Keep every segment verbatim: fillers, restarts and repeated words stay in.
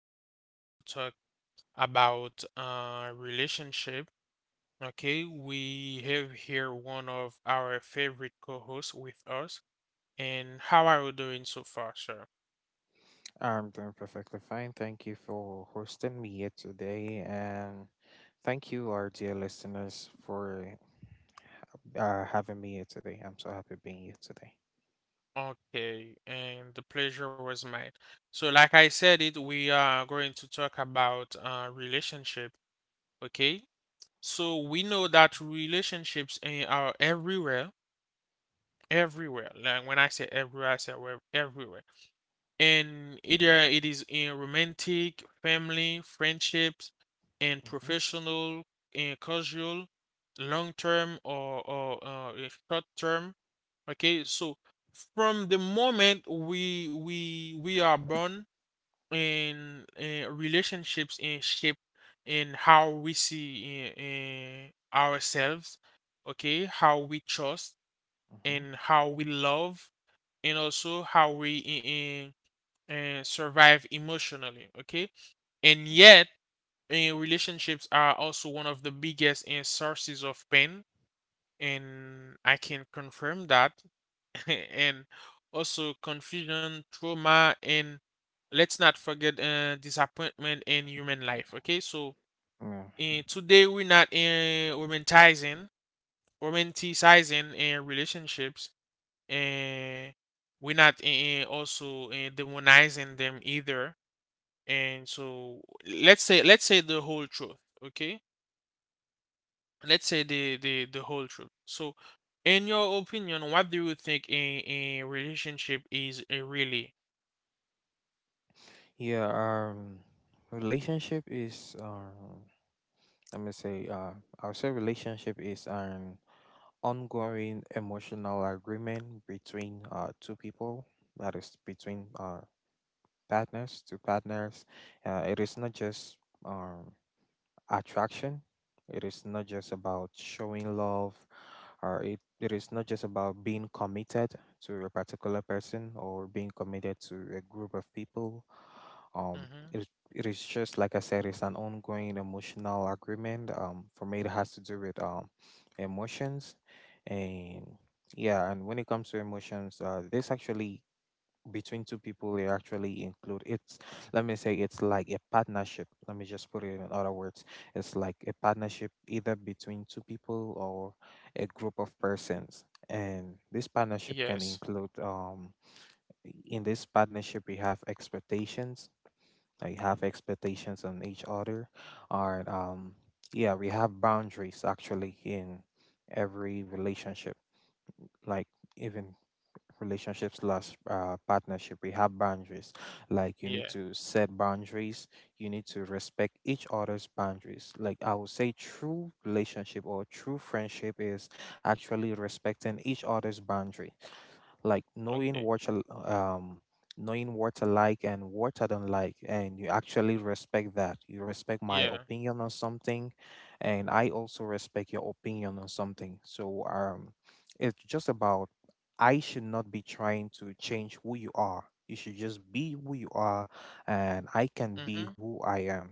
we are going to talk about uh, relationship. Okay, we have here one of our favorite co-hosts with us. And how are you doing so far, sir? I'm doing perfectly fine. Thank you for hosting me here today. And thank you, our dear listeners, for uh, having me here today. I'm so happy being here today. Okay, and the pleasure was mine. So, like I said, it we are going to talk about uh, relationship. Okay, so we know that relationships eh, are everywhere, everywhere. Like when I say everywhere, I say where- everywhere, and either it is in romantic, family, friendships, and Mm-hmm, professional, and casual, long term, or or uh, eh, short term. Okay, so from the moment we we we are born, in uh, relationships in shape in how we see in ourselves. Okay, how we trust mm-hmm, and how we love, and also how we. In uh, survive emotionally. Okay, and mm-hmm. yet eh, relationships are also one of the biggest eh, sources of pain, and I can confirm that. And also confusion, trauma, and let's not forget uh, disappointment in human life. Okay, so Yeah. eh, today we're not uh, romanticizing romanticizing eh, relationships, and we're not eh, eh, also eh, demonizing them either. And so let's say let's say the whole truth. Okay, let's say the the the whole truth. So in your opinion, what do you think a, a relationship is, a really? yeah, um, Relationship is, um, let me say, uh, I'll say relationship is an ongoing emotional agreement between uh, two people, that is, between uh, partners to partners. Uh, it is not just. Um, Attraction. It is not just about showing love, or it, it is not just about being committed to a particular person or being committed to a group of people. Um, Mm-hmm. it, it is just like I said, it's an ongoing emotional agreement. Um, for me, it has to do with um, emotions, and yeah. And when it comes to emotions, uh, this actually between two people you actually include it's let me say it's like a partnership. Let me just put it in other words, it's like a partnership either between two people or a group of persons. And this partnership can Yes. include um in this partnership we have expectations. I have expectations on each other, or um yeah, we have boundaries actually in every relationship, like even relationships slash uh, partnership, we have boundaries. Like you need Yeah. to set boundaries, you need to respect each other's boundaries. Like I would say true relationship or true friendship is actually respecting each other's boundaries. Like knowing Okay. what you um knowing what I like and what I don't like, and you actually respect that. You respect my Yeah. opinion on something, and I also respect your opinion on something. So um, it's just about I should not be trying to change who you are. You should just be who you are, and I can Mm-hmm. be who I am,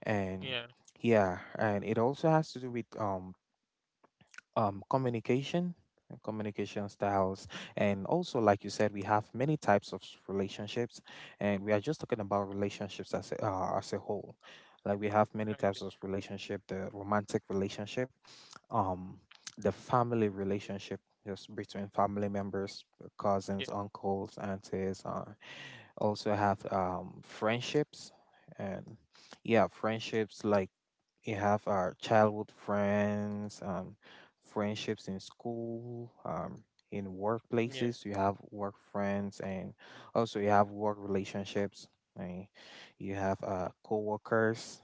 and Yeah. yeah. And it also has to do with um um, communication and communication styles. And also like you said, we have many types of s- relationships, and we are just talking about relationships as a, uh, as a whole. Like we have many Okay. types of relationship: the romantic relationship, um the family relationship, just between family members, uh, Yeah. cousins, uncles, aunties, uh, also have um friendships. And yeah, friendships, like we have our childhood friends, um, friendships in school, um, in Yeah. workplaces. You have work friends, and also you have work relationships. And you have uh, coworkers.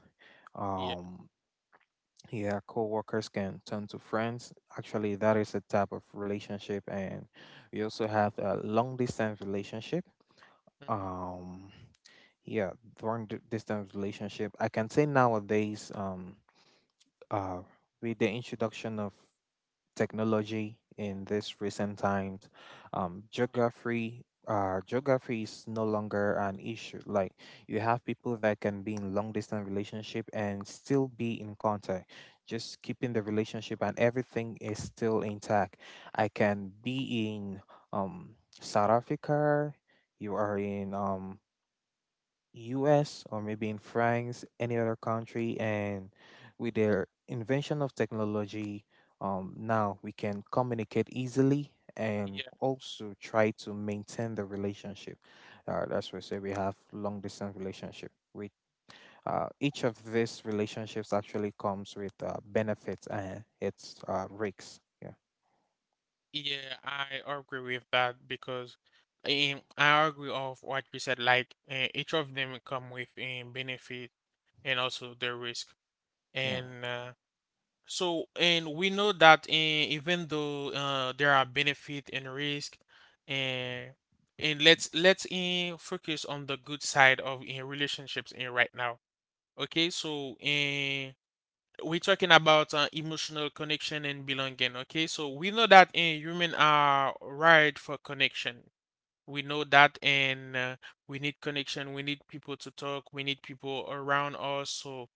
Yeah. Um, yeah, coworkers can turn to friends. Actually, that is a type of relationship, and we also have a long distance relationship. Mm-hmm. Um, yeah, long di- Distance relationship, I can say nowadays. Um, uh, with the introduction of technology in this recent times, um, Okay. geography uh, geography is no longer an issue. Like you have people that can be in long distance relationship and still be in contact, just keeping the relationship and everything is still intact. I can be in um, South Africa. You are in um, U S or maybe in France, any other country, and with their invention of technology, um, now we can communicate easily and Yeah. also try to maintain the relationship. Uh, that's why I say we have long distance relationship. With uh, each of these relationships actually comes with uh, benefits and its uh, risks. Yeah, I agree with that because um, I agree of what you said, like uh, each of them come with a benefit and also the risk. Yeah, And uh, So, and we know that eh, even though uh, there are benefit and risk, and and let's let's eh, focus on the good side of in relationships in right now. Okay, so eh, we're talking about uh, emotional connection and belonging. Okay, so we know that eh, human are wired for connection. We know that, and uh, we need connection. We need people to talk. We need people around us so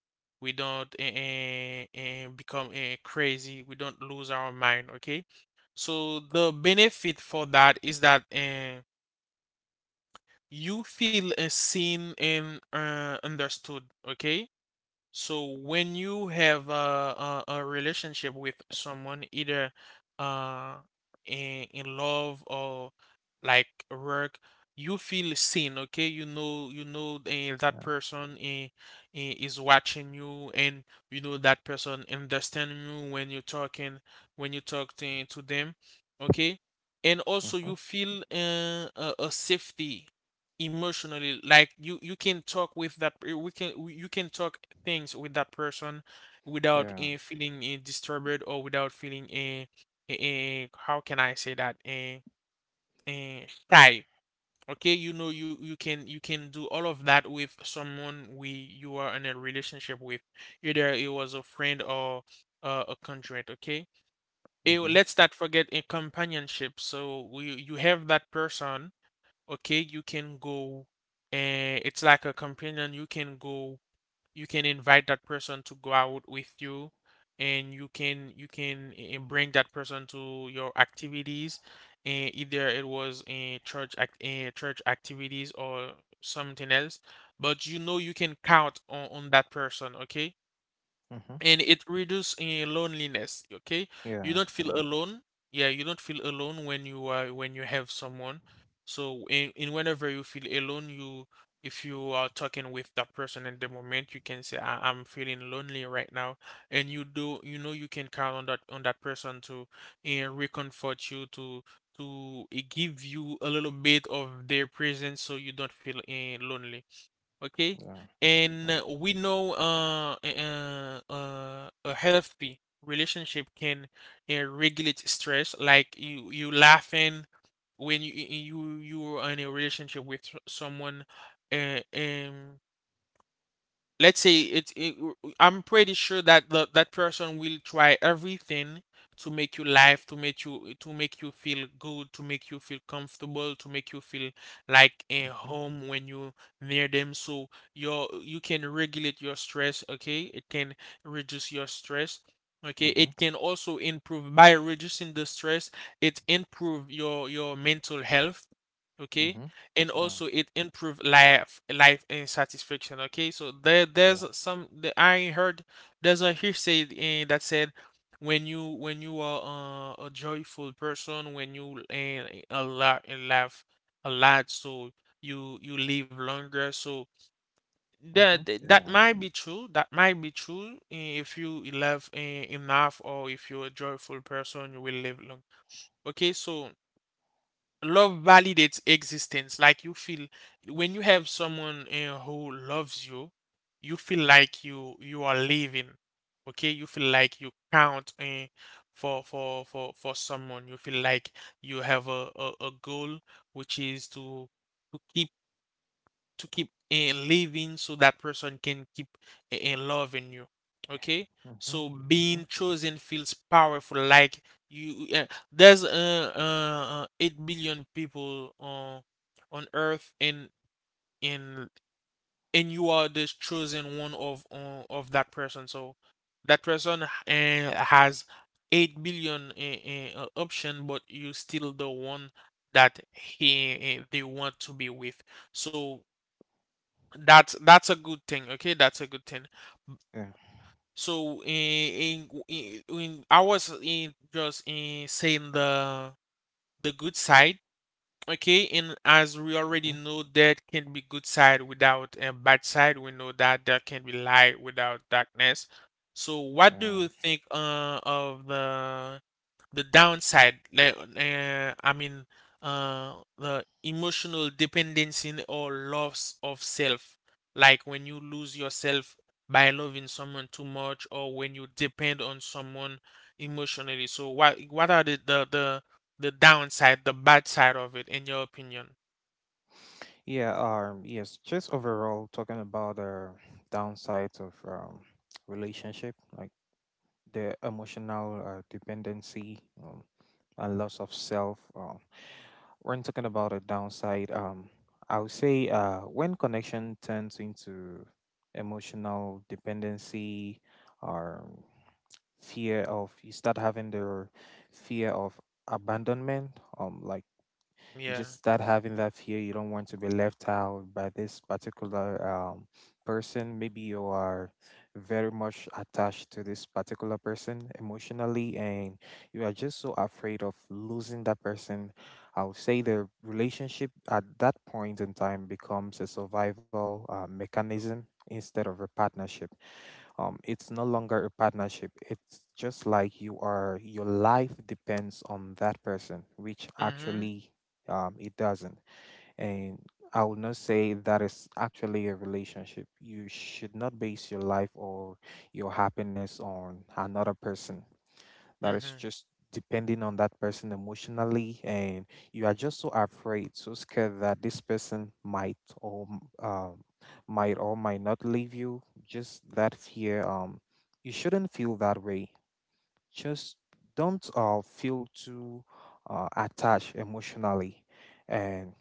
we don't eh, eh, eh, become eh, crazy. We don't lose our mind, okay? So the benefit for that is that eh, you feel eh, seen and uh, understood, okay? So when you have a, a, a relationship with someone, either uh in, in love or like work, you feel seen, okay? You know, you know eh, that yeah, person eh, eh, is watching you, and you know that person understand you when you're talking, when you talk to, to them, okay? And yeah, also mm-hmm. you feel uh, a, a safety emotionally, like you you can talk with that, we can you can talk things with that person without Yeah, uh, feeling uh, disturbed, or without feeling a uh, uh, how can I say that, uh, uh, shy. Okay, you know you you can you can do all of that with someone we you are in a relationship with, either it was a friend or uh, a conjoint. Okay. Eh, mm-hmm. let's not forget a companionship. So we, you have that person. Okay, you can go, and it's like a companion. You can go, you can invite that person to go out with you, and you can you can eh, bring that person to your activities. And either it was in church act eh, church activities or something else, but you know you can count on on that person. Okay. Mm-hmm. And it reduces uh, loneliness. Okay, you Yeah, don't feel yeah, alone. Yeah, you don't feel alone when you are when you have someone. So in, in whenever you feel alone, you if you are talking with that person in the moment, you can say I, I'm feeling lonely right now, and you do you know you can count on that on that person to uh, reconfort you, to to uh, give you a little bit of their presence so you don't feel uh, lonely. Okay? yeah, And yeah. uh, we know uh, uh, uh, a healthy relationship can uh, regulate stress, like you you laughing when you you you you are in a relationship with s- someone, uh, um let's say it, it, I'm pretty sure that the, that person will try everything to make you laugh, to make you to make you feel good, to make you feel comfortable, to make you feel like a Mm-hmm. home when you near them. So your you can regulate your stress. Okay, it can reduce your stress. Okay, Mm-hmm. it can also improve, by reducing the stress, it improve your your mental health. Okay. Mm-hmm. And Yeah. also it improve life life and satisfaction. Okay, so there there's Yeah. some the I heard there's a hearsay eh, that said, when you when you are uh, a joyful person, when you uh, a lot and laugh a lot, so you you live longer. So that Mhm. that that Yeah. might be true, that might be true. Eh, if you laugh eh, enough, or if you're a joyful person, you will live long. Okay, so love validates existence. Like you feel when you have someone uh, who loves you, you feel like you you are living. Okay, you feel like you count uh, for for for for someone you feel like you have a, a a goal, which is to to keep to keep eh, living, so that person can keep eh, eh, loving you. Okay? Mhm. So being Mhm. chosen feels powerful. Like you, uh, there's uh, uh, uh, eight billion people uh, on earth, and and and you are the chosen one of uh, of that person. So that person uh, has eight billion uh, uh, option, but you still the one that he eh, they want to be with. So that's that's a good thing. Okay, that's a good thing. Yeah. So in in, in, in I was in just in saying the the good side, okay, and as we already Mhm. know, there can be good side without a bad side. We know that there can be light without darkness. So what do Yeah. you think uh, of the the downside, like uh, I mean, uh, the emotional dependency or loss of self, like when you lose yourself by loving someone too much, or when you depend on someone emotionally. So, what what are the the the, the downside, the bad side of it, in your opinion? Yeah. Um. Yes. Just overall, talking about the downsides of um relationship, like the emotional uh, dependency um, and loss of self. Um, when talking about a downside, um, I would say uh, when connection turns into emotional dependency or fear of you start having the fear of abandonment, um like you Yeah. just start having that fear. You don't want to be left out by this particular um, person. Maybe you are very much attached to this particular person emotionally, and you are just so afraid of losing that person. I would say the relationship at that point in time becomes a survival uh, mechanism instead of a partnership. Um, it's no longer a partnership. It's just like you are your life depends on that person, which Mhm. actually um it doesn't. And I will not say that is actually a relationship. You should not base your life or your happiness on another person. That is Mhm. just depending on that person emotionally, and you are just so afraid, so scared that this person might or m- um, might or might not leave you, just that fear. Um you shouldn't feel that way. Just don't uh, feel too uh, attached emotionally. And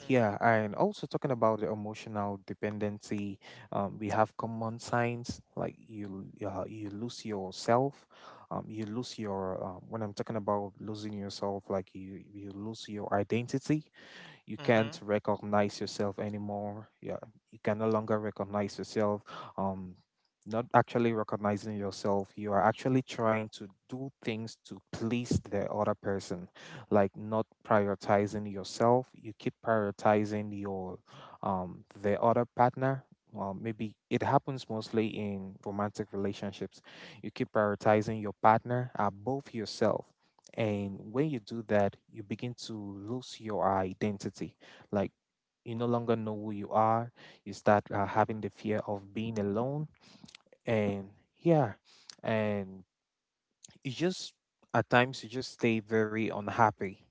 Mhm. yeah. And also talking about the emotional dependency, um, we have common signs, like you uh, you lose yourself. Um, you lose your uh, When I'm talking about losing yourself, like you you lose your identity. You Mhm. can't recognize yourself anymore. Yeah, you can no longer recognize yourself. um Not actually recognizing yourself, you are actually trying to do things to please the other person, like not prioritizing yourself. You keep prioritizing your um the other partner. Well, maybe it happens mostly in romantic relationships. You keep prioritizing your partner above yourself, and when you do that, you begin to lose your identity. Like you no longer know who you are. You start uh, having the fear of being alone. And yeah, and you just, at times you just stay very unhappy.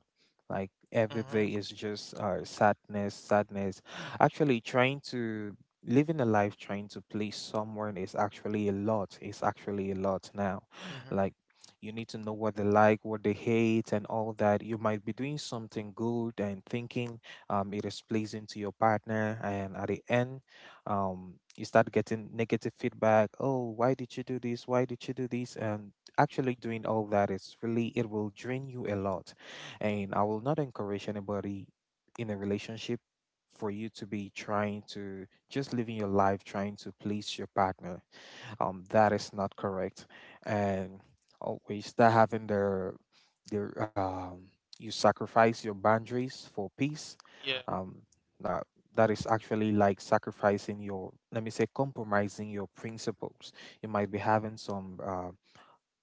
Like every day Mhm. is just uh, sadness, sadness. Actually trying to living a life trying to please someone is actually a lot. It's actually a lot. Now, Mhm. like you need to know what they like, what they hate, and all that. You might be doing something good and thinking um, it is pleasing to your partner, and at the end, um, you start getting negative feedback: oh, why did you do this, why did you do this? And actually doing all that is really, it will drain you a lot. And I will not encourage anybody in a relationship for you to be trying to just living your life trying to please your partner. Um that is not correct. And always start having the the um you sacrifice your boundaries for peace. Yeah. um Now that is actually like sacrificing your, let me say compromising your principles. You might be having some um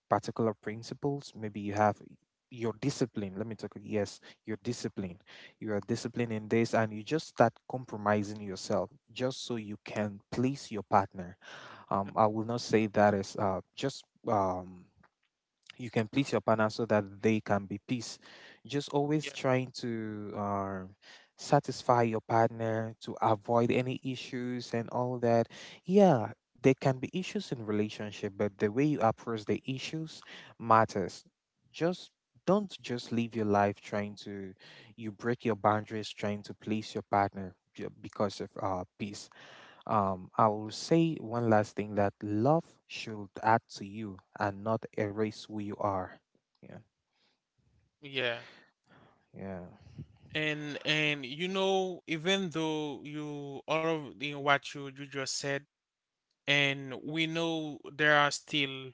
particular principles. Maybe you have your discipline. Let me talk. Yes, your discipline. You are disciplined in this, and you just start compromising yourself just so you can please your partner. Um, I will not say that is uh, just um you can please your partner so that they can be peace. Just always Yeah. trying to um, satisfy your partner to avoid any issues and all that. Yeah, there can be issues in relationship, but the way you approach the issues matters. Just don't just live your life trying to you break your boundaries trying to please your partner ju- because of uh, peace. Um, I will say one last thing, that love should add to you and not erase who you are. Yeah, Yeah. yeah. And and you know, even though you all of you what you you just said, and we know there are still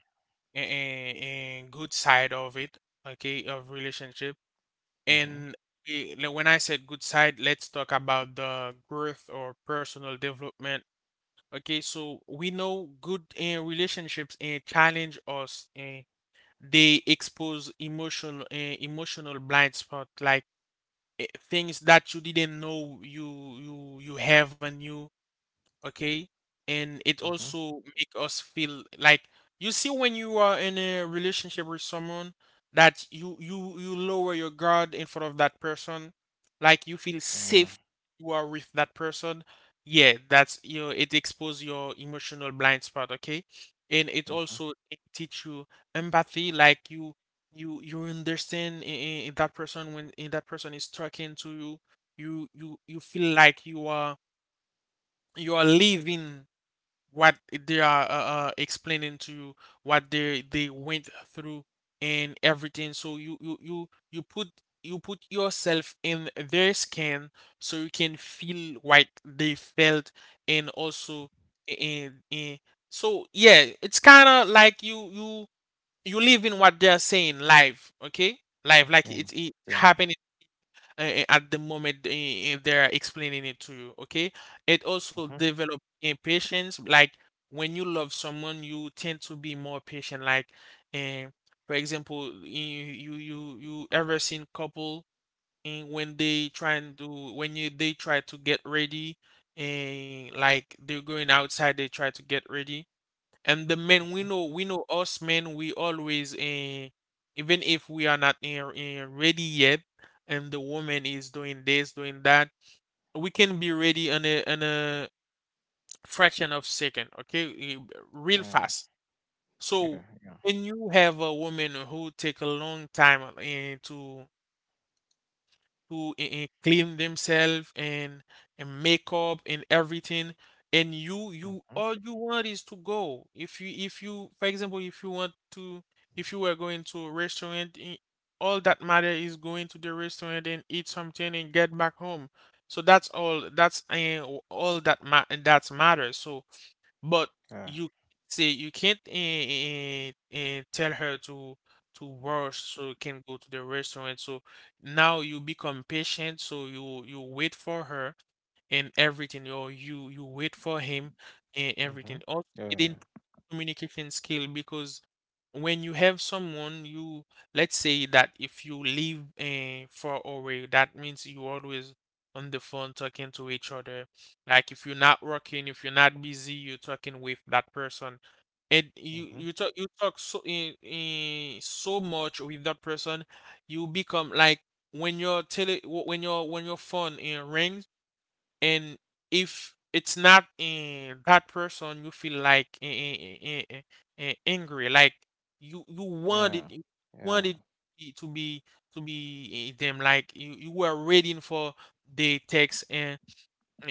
a, a, a good side of it, okay, of relationship. Mm-hmm. And eh, le- when I said good side, let's talk about the growth or personal development. Okay, so we know good uh, relationships uh, challenge us. Uh, they expose emotional uh, emotional blind spot, like eh, things that you didn't know you you you have and you, okay? And it Mm-hmm. also make us feel like, you see, when you are in a relationship with someone, that you you you lower your guard in front of that person, like you feel Yeah. safe you are with that person. Yeah, that's, you know, it expose your emotional blind spot, okay? And it Mm-hmm. also teach you empathy, like you you you understand in, in that person, when in that person is talking to you, you you you feel like you are you are living what they are uh, uh, explaining to you, what they they went through and everything. So you you you you put you put yourself in their skin, so you can feel what they felt. And also in in so yeah, it's kind of like you you you live in what they're saying live. Okay, live like Yeah. it's it Yeah. happening uh, at the moment uh, they're explaining it to you, okay? It also Mm-hmm. develop impatience. Like when you love someone, you tend to be more patient. Like, um, for example, you you you you ever seen couple, and when they trying to when you they try to get ready, and like they're going outside, they try to get ready, and the men, we Mm-hmm. know, we know us men, we always eh, even if we are not eh, eh, ready yet, and the woman is doing this, doing that, we can be ready in a in a fraction of second, okay. Eh, real Yeah. fast. So Yeah. Yeah. when you have a woman who take a long time eh, to to eh, eh, clean themselves and and makeup and everything, and you Mm-hmm. you all you want is to go, if you if you, for example, if you want to if you were going to a restaurant, eh, all that matter is going to the restaurant and eat something and get back home. So that's all that's eh, all that ma- that matters. So but Yeah. you say you can't eh, eh, eh, tell her to to wash so you can go to the restaurant. So now you become patient, so you you wait for her and everything or you you wait for him and Mm-hmm. everything also it Yeah. improves communication skill because when you have someone you let's say that if you live uh, far away that means you always on the phone talking to each other. Like if you're not working, if you're not busy, you're talking with that person, and you Mm-hmm. you talk you talk so in, in so much with that person you become like when your tele wh- when your when your phone uh, rings. And if it's not in that person, you feel like eh, eh, eh, eh, eh, eh, eh, angry. Like you you Yeah, wanted you yeah, wanted it to be to be eh, them. Like you you were waiting for the text and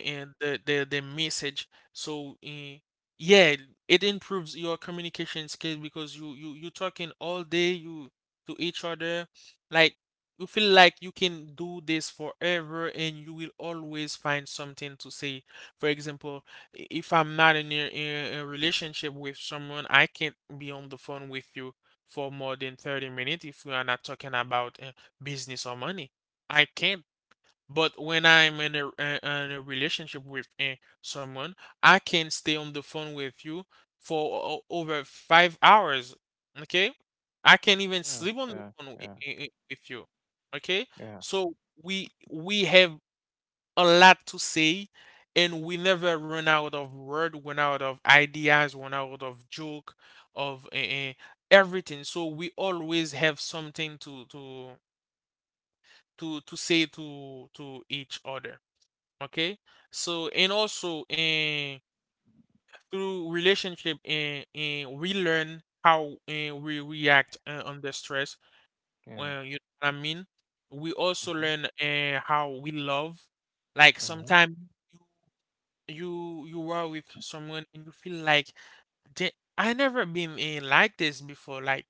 and the the, the message. So eh, yeah, it improves your communication skills because you you you talking all day you to each other. Like you feel like you can do this forever and you will always find something to say. For example, i- if I'm not in a, in a relationship with someone, I can't be on the phone with you for more than thirty minutes if we are not talking about uh, business or money. I can't. But when I'm in a, uh, in a relationship with uh, someone, I can stay on the phone with you for o- over five hours. Okay? I can even yeah, sleep on the yeah, phone wi- yeah, i- i- with you. Okay? yeah, So we we have a lot to say, and we never run out of word, run out of ideas, run out of joke, of uh, uh, everything. So we always have something to to to to say to to each other, okay? So, and also in through relationship, and and we learn how and we react uh, under stress. yeah. Well, you know what I mean, we also Mhm, learn uh, how we love. Like mhm. sometimes you you you are with someone and you feel like, "Da- I never been in like this before, like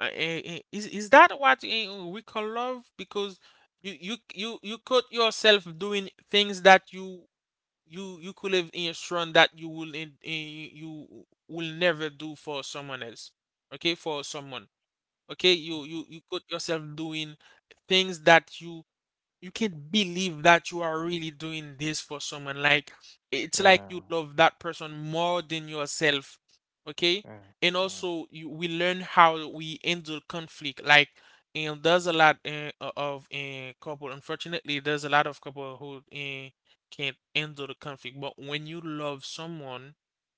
uh, eh, eh, is is that what eh, we call love?" Because you you you you caught yourself doing things that you you you could live in a strand that you will in, in you will never do for someone else. Okay, for someone, okay, you you you got yourself doing things that you you can't believe that you are really doing this for someone. Like it's like Yeah, you love that person more than yourself. Okay? yeah, And yeah, also you, we learn how we handle conflict. Like, and there's a lot uh, of uh, couple, unfortunately there's a lot of couple who uh, can't handle the conflict. But when you love someone,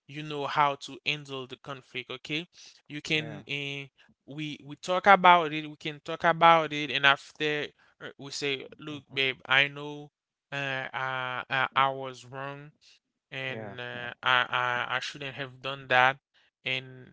you know how to handle the conflict, okay? You yeah. can uh, we we talk about it, we can talk about it, and after uh, we say, "Look, Mhm. babe, I know uh, I, I I was wrong, Yeah, and yeah, uh, I, I I shouldn't have done that." And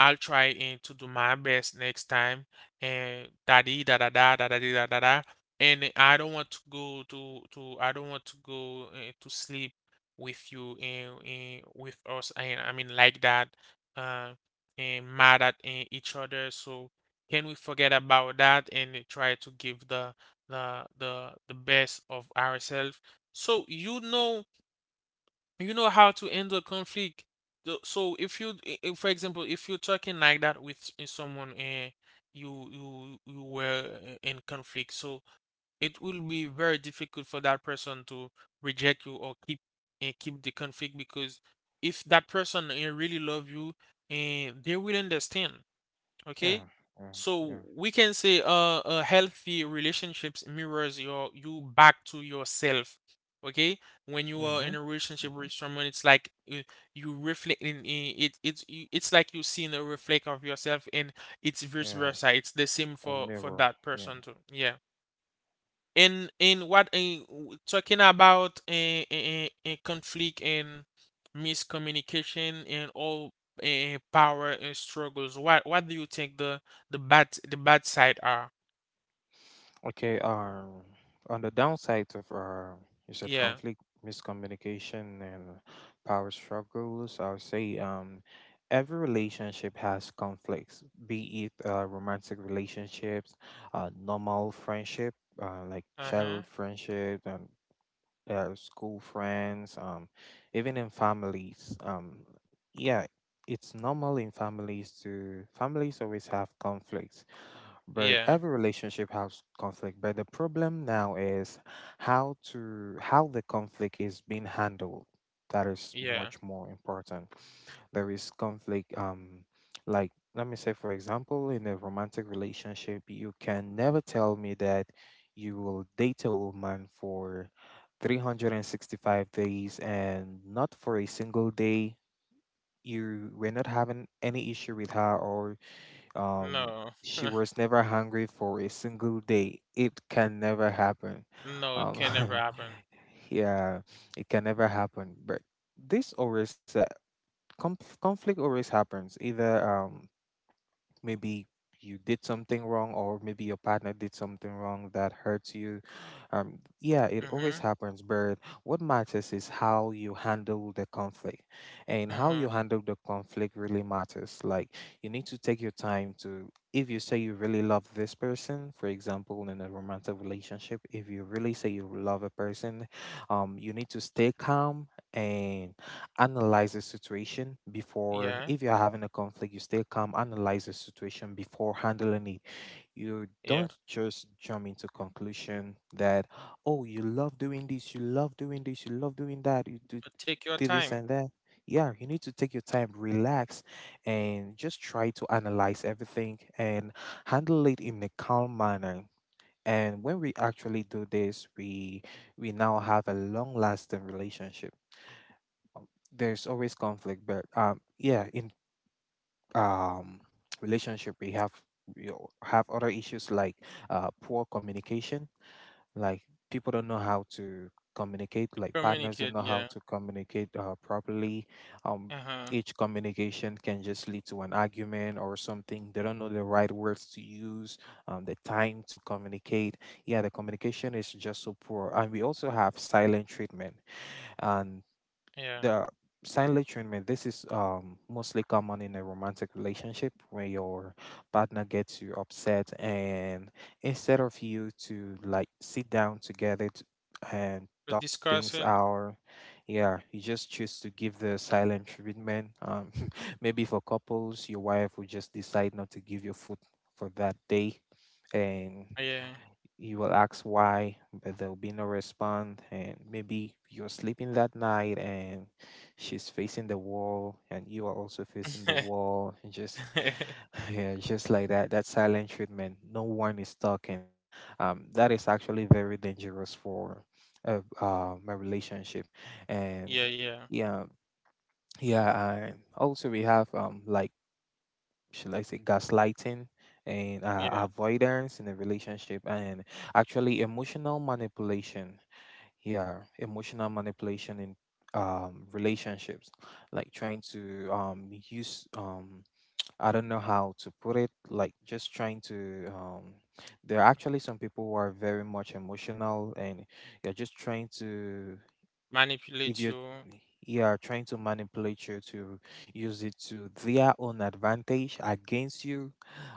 I'll try and to do my best next time, and da dee da da da da da dee da da da. And I don't want to go to to I don't want to go uh, to sleep with you, and, and with us, and I mean like that uh and mad at eh, each other. So can we forget about that and try to give the the the the best of ourselves? So you know you know how to handle conflict. The- So if you, i- i- for example, if you're talking like that with s- eh, someone and you you you were eh, in conflict, so it will be very difficult for that person to reject you or keep and keep the conflict, because if that person eh, really love you, and they will understand. yeah, Okay, yeah, yeah. so we can say uh, a healthy relationships mirrors your you back to yourself. Okay, when you are in Mhm, a relationship mhm. with someone, it's like you, you, reflect in, in it. It's you- it's like you see in a reflect of yourself, and it's vice Yeah, versa. It's the same a for for mirror. that Yeah. person too. Yeah, in in what in talking about in, in, in conflict and miscommunication and all uh, power and struggles, what what do you think the the bad the bad side are? Okay, um, on the downside of uh, you said Yeah. conflict, miscommunication, and power struggles, I would say um, every relationship has conflicts, be it uh, romantic relationships, uh, normal friendship, uh, like Uh-huh. childhood friendship, and uh, school friends, um, even in families. Um, yeah, it's normal in families to families always have conflicts, but Yeah. every relationship has conflict. But the problem now is how to how the conflict is being handled. That is Yeah. much more important. There is conflict. Um, like let me say, for example, in a romantic relationship, you can never tell me that you will date a woman for three hundred sixty-five days and not for a single day you were not having any issue with her, or um, No. she was never hungry for a single day. It can never happen. no, it Um, can never happen. yeah, it can never happen. But this always uh, conf- conflict always happens. Either um, maybe you did something wrong, or maybe your partner did something wrong that hurts you. Um, yeah, it always Mm-hmm. happens, but what matters is how you handle the conflict, and how Mm-hmm. you handle the conflict really matters. Like, you need to take your time to, if you say you really love this person, for example in a romantic relationship, if you really say you love a person, um, you need to stay calm and analyze the situation before, Yeah, if you're having a conflict, you stay calm, analyze the situation before handling it. You yeah. don't just jump into conclusion that, oh, you love doing this, you love doing this, you love doing that, you do, But take your do this time. and that. Yeah, you need to take your time, relax, and just try to analyze everything and handle it in a calm manner. And when we actually do this, we we now have a long lasting relationship. There's always conflict, but um yeah. In um relationship we have, we al- have other issues like uh poor communication. Like, people don't know how to communicate, like partners don't Communicate, know how yeah. to communicate uh, properly. um Uh-huh. each communication can just lead to an argument or something. They don't know the right words to use, um, the time to communicate. Yeah, the communication is just so poor. And we also have silent treatment. And Yeah. the silent treatment, this is um mostly common in a romantic relationship. When your partner gets you upset, and instead of you to, like, sit down together t- and The talk things discussion. out, yeah, you just choose to give the silent treatment. Um maybe for couples, your wife will just decide not to give you food for that day. And Yeah. you will ask why, but there will be no response. And maybe you're sleeping that night and she's facing the wall and you are also facing the wall. And just, yeah, just like that, that silent treatment, no one is talking. Um, that is actually very dangerous for uh, uh, my relationship. And yeah, yeah, yeah, yeah. And also, we have um, like, should I say, gaslighting and uh, yeah. avoidance in a relationship, and actually emotional manipulation. Yeah, emotional manipulation in um, relationships, like trying to um, use um, I don't know how to put it, like just trying to. Um, There are actually some people who are very much emotional, and you're just trying to if Manipulate you're you. Yeah, trying to manipulate you to use it to their own advantage against you.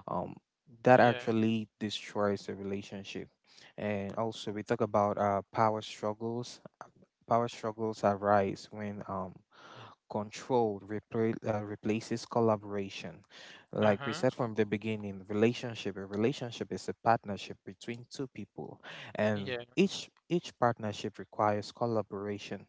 um that Yeah. actually destroys the relationship. And also, we talk about uh power struggles. Power struggles arise when um control repla- uh, replaces collaboration. Like we Uh-huh. said from the beginning, relationship a relationship is a partnership between two people, and Yeah. each each partnership requires collaboration.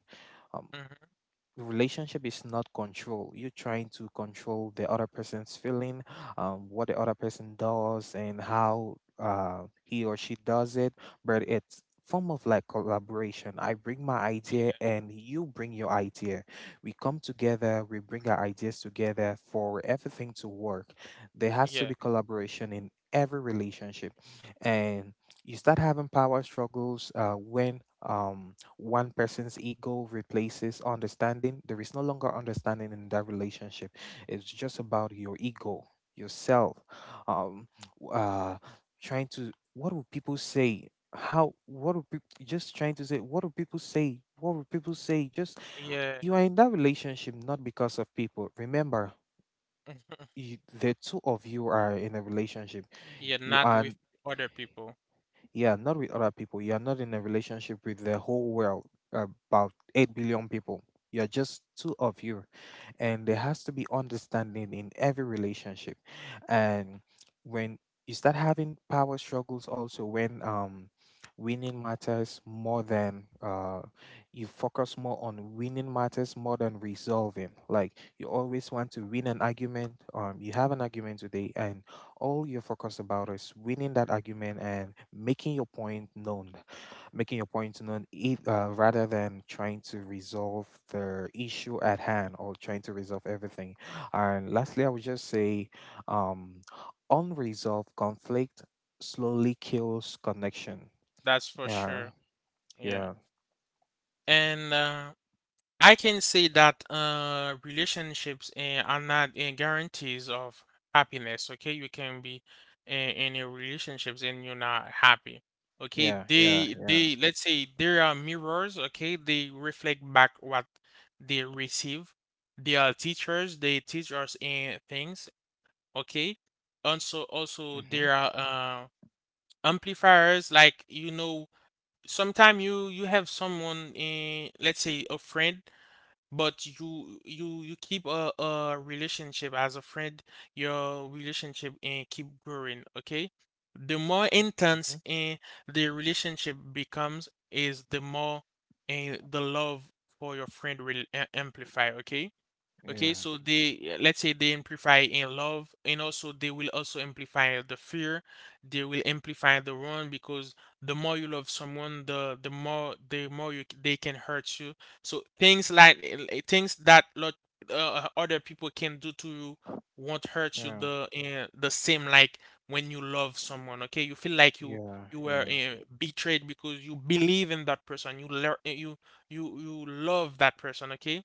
Um, Mm-hmm. Relationship is not control. You're trying to control the other person's feeling, um, what the other person does and how uh, he or she does it. But it's form of like collaboration. I bring my Yeah. idea and you bring your idea, we come together, we bring our ideas together for everything to work. There has to Yeah. be collaboration in every relationship. And you start having power struggles uh, when um, one person's ego replaces understanding. There is no longer understanding in that relationship. It's just about your ego, yourself, um, w- uh, trying to, what will people say? How, what do people just trying to say? What do people say? What will people say? Just, Yeah. you are in that relationship not because of people. Remember, you, the two of you are in a relationship. Yeah, You not are with other people. Yeah, not with other people. You are not in a relationship with the whole world, about eight billion people. You're just two of you. And there has to be understanding in every relationship. And when you start having power struggles, also when um, winning matters more than uh, you focus more on, winning matters more than resolving. Like, you always want to win an argument. Um, you have an argument today, and all you're focused about is winning that argument and making your point known, making your point known eith- uh, rather than trying to resolve the issue at hand or trying to resolve everything. And lastly, I would just say, um, unresolved conflict slowly kills connection. That's for Yeah. sure. Yeah. Yeah, And uh I can say that uh, relationships eh, are not eh, guarantees of happiness. Okay, you can be eh, in a relationships and you're not happy. Okay, yeah. Yeah, they yeah. they let's say there are mirrors. Okay, they reflect back what they receive. They are teachers. They teach us eh, things. Okay, also also Mm-hmm. there are uh, amplifiers. Like, you know, sometimes you you have someone, eh, let's say a friend, but you you you keep a, a relationship as a friend, your relationship and keep growing, okay? The more intense Mm-hmm. and the relationship becomes is the more, and the love for your friend will a- amplify, okay? Yeah, Okay, so they, yeah, let's say they amplify in love, and also they will also amplify the fear. They will amplify the wrong, because the more you love someone, the the more the more you, they can hurt you. So things like, eh, things that lot uh, other people can do to you won't hurt you yeah, the uh, the same like when you love someone. Okay, you feel like you yeah. you were Yeah, uh, betrayed because you believe in that person. You learn you you you love that person. Okay,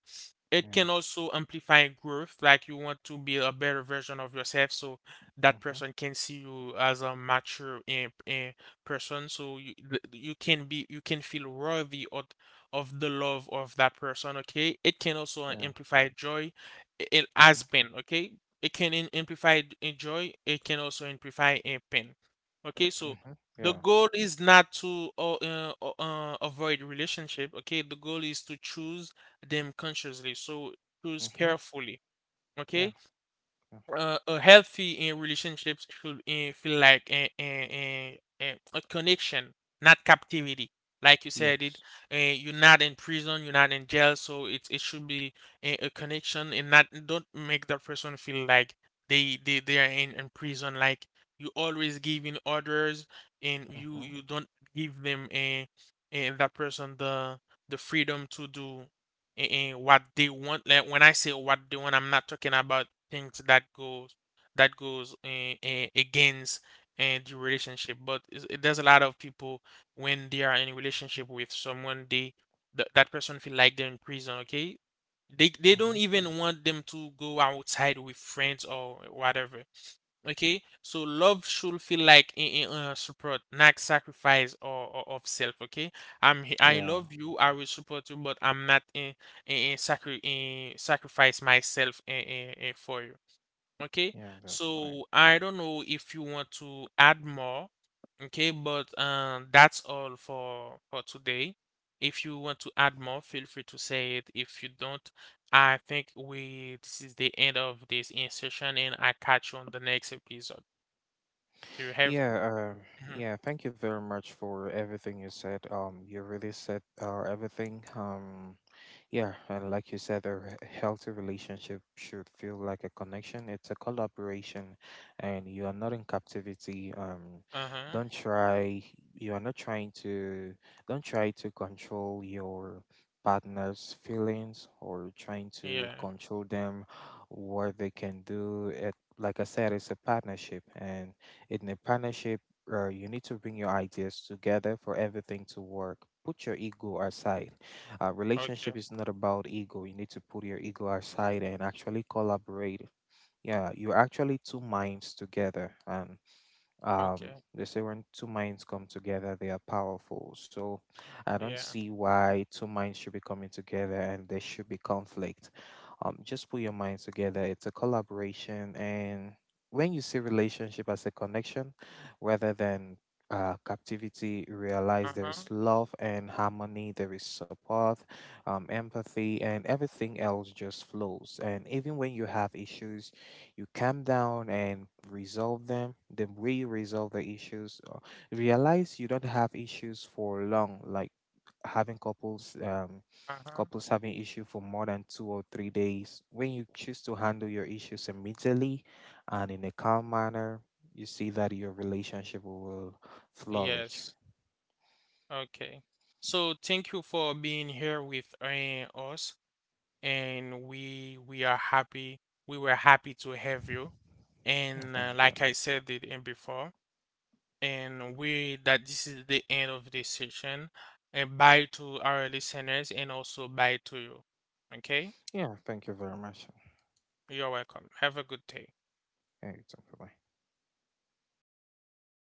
it yeah. can also amplify growth, like you want to be a better version of yourself, so that Mm-hmm. person can see you as a mature in, in person. So you th- you can be you can feel worthy of of the love of that person. Okay, it can also Yeah. amplify joy, it in as Mm-hmm. pain. Okay, it can in, amplify in joy. It can also amplify in pain. Okay, so Mm-hmm. the Yeah. goal is not to uh, uh, uh, avoid relationship. Okay, the goal is to choose them consciously. So choose Mm-hmm. Yeah. carefully. Yeah. Okay, uh, a healthy in relationships should uh, feel like a, a, a, a connection, not captivity. Like you said, it Yes. uh, you're not in prison, you're not in jail, so it, it should be a, a connection, and not don't make that person feel like they they, they are in, in prison. Like you always giving orders, and Mm-hmm. you you don't give them a, a that person the the freedom to do a- and what they want. Like when I say what they want, I'm not talking about things that goes that goes eh, eh, against and the relationship, but is- eh, there's a lot of people when they are in a relationship with someone, they th- that person feel like they're in prison, okay? They they Mm-hmm. don't even want them to go outside with friends or whatever. Okay, so love should feel like in, uh, support, not sacrifice or, or of self. Okay, I'm he- I Yeah. love you, I will support you, but I'm not in in, in, sacri- in sacrifice myself in, in, in for you. Okay, Yeah, that's right. so I don't know if you want to add more. Okay, but um, that's all for for today. If you want to add more, feel free to say it. If you don't, I think we this is the end of this in session, and I catch you on the next episode. Do you have? Yeah, uh, Mhm. yeah, thank you very much for everything you said. Um, you really said uh, everything. Um, Yeah, and like you said, a re- healthy relationship should feel like a connection. It's a collaboration, and you are not in captivity. Um, Uh-huh. don't try. You are not trying to. Don't try to control your partner's feelings or trying to Yeah. control them, what they can do. It, like I said, it's a partnership, and in a partnership, uh, you need to bring your ideas together for everything to work. Put your ego aside. uh, Okay. Relationship is not about ego. You need to put your ego aside and actually collaborate. Yeah, you're actually two minds together, and um, Okay. they say when two minds come together, they are powerful. So I don't Yeah. see why two minds should be coming together and there should be conflict. Um, just put your minds together. It's a collaboration. And when you see relationship as a connection rather than uh, captivity, realize there Uh-huh. is love and harmony, there is support, um, empathy, and everything else just flows. And even when you have issues, you calm down and resolve them. The way you resolve the issues, uh, realize you don't have issues for long. Like, having couples um Uh-huh. couples having issue for more than two or three days. When you choose to handle your issues immediately and in a calm manner, you see that your relationship will flourish. Yes. Okay. So thank you for being here with uh, us, and we we are happy. We were happy to have you. Yeah, And uh, thank you. like I said it in before, and we that this is the end of this session. And bye to our listeners, and also bye to you. Okay, Yeah, thank you very much. you're welcome. Have a good day. Yeah, it's okay. Bye.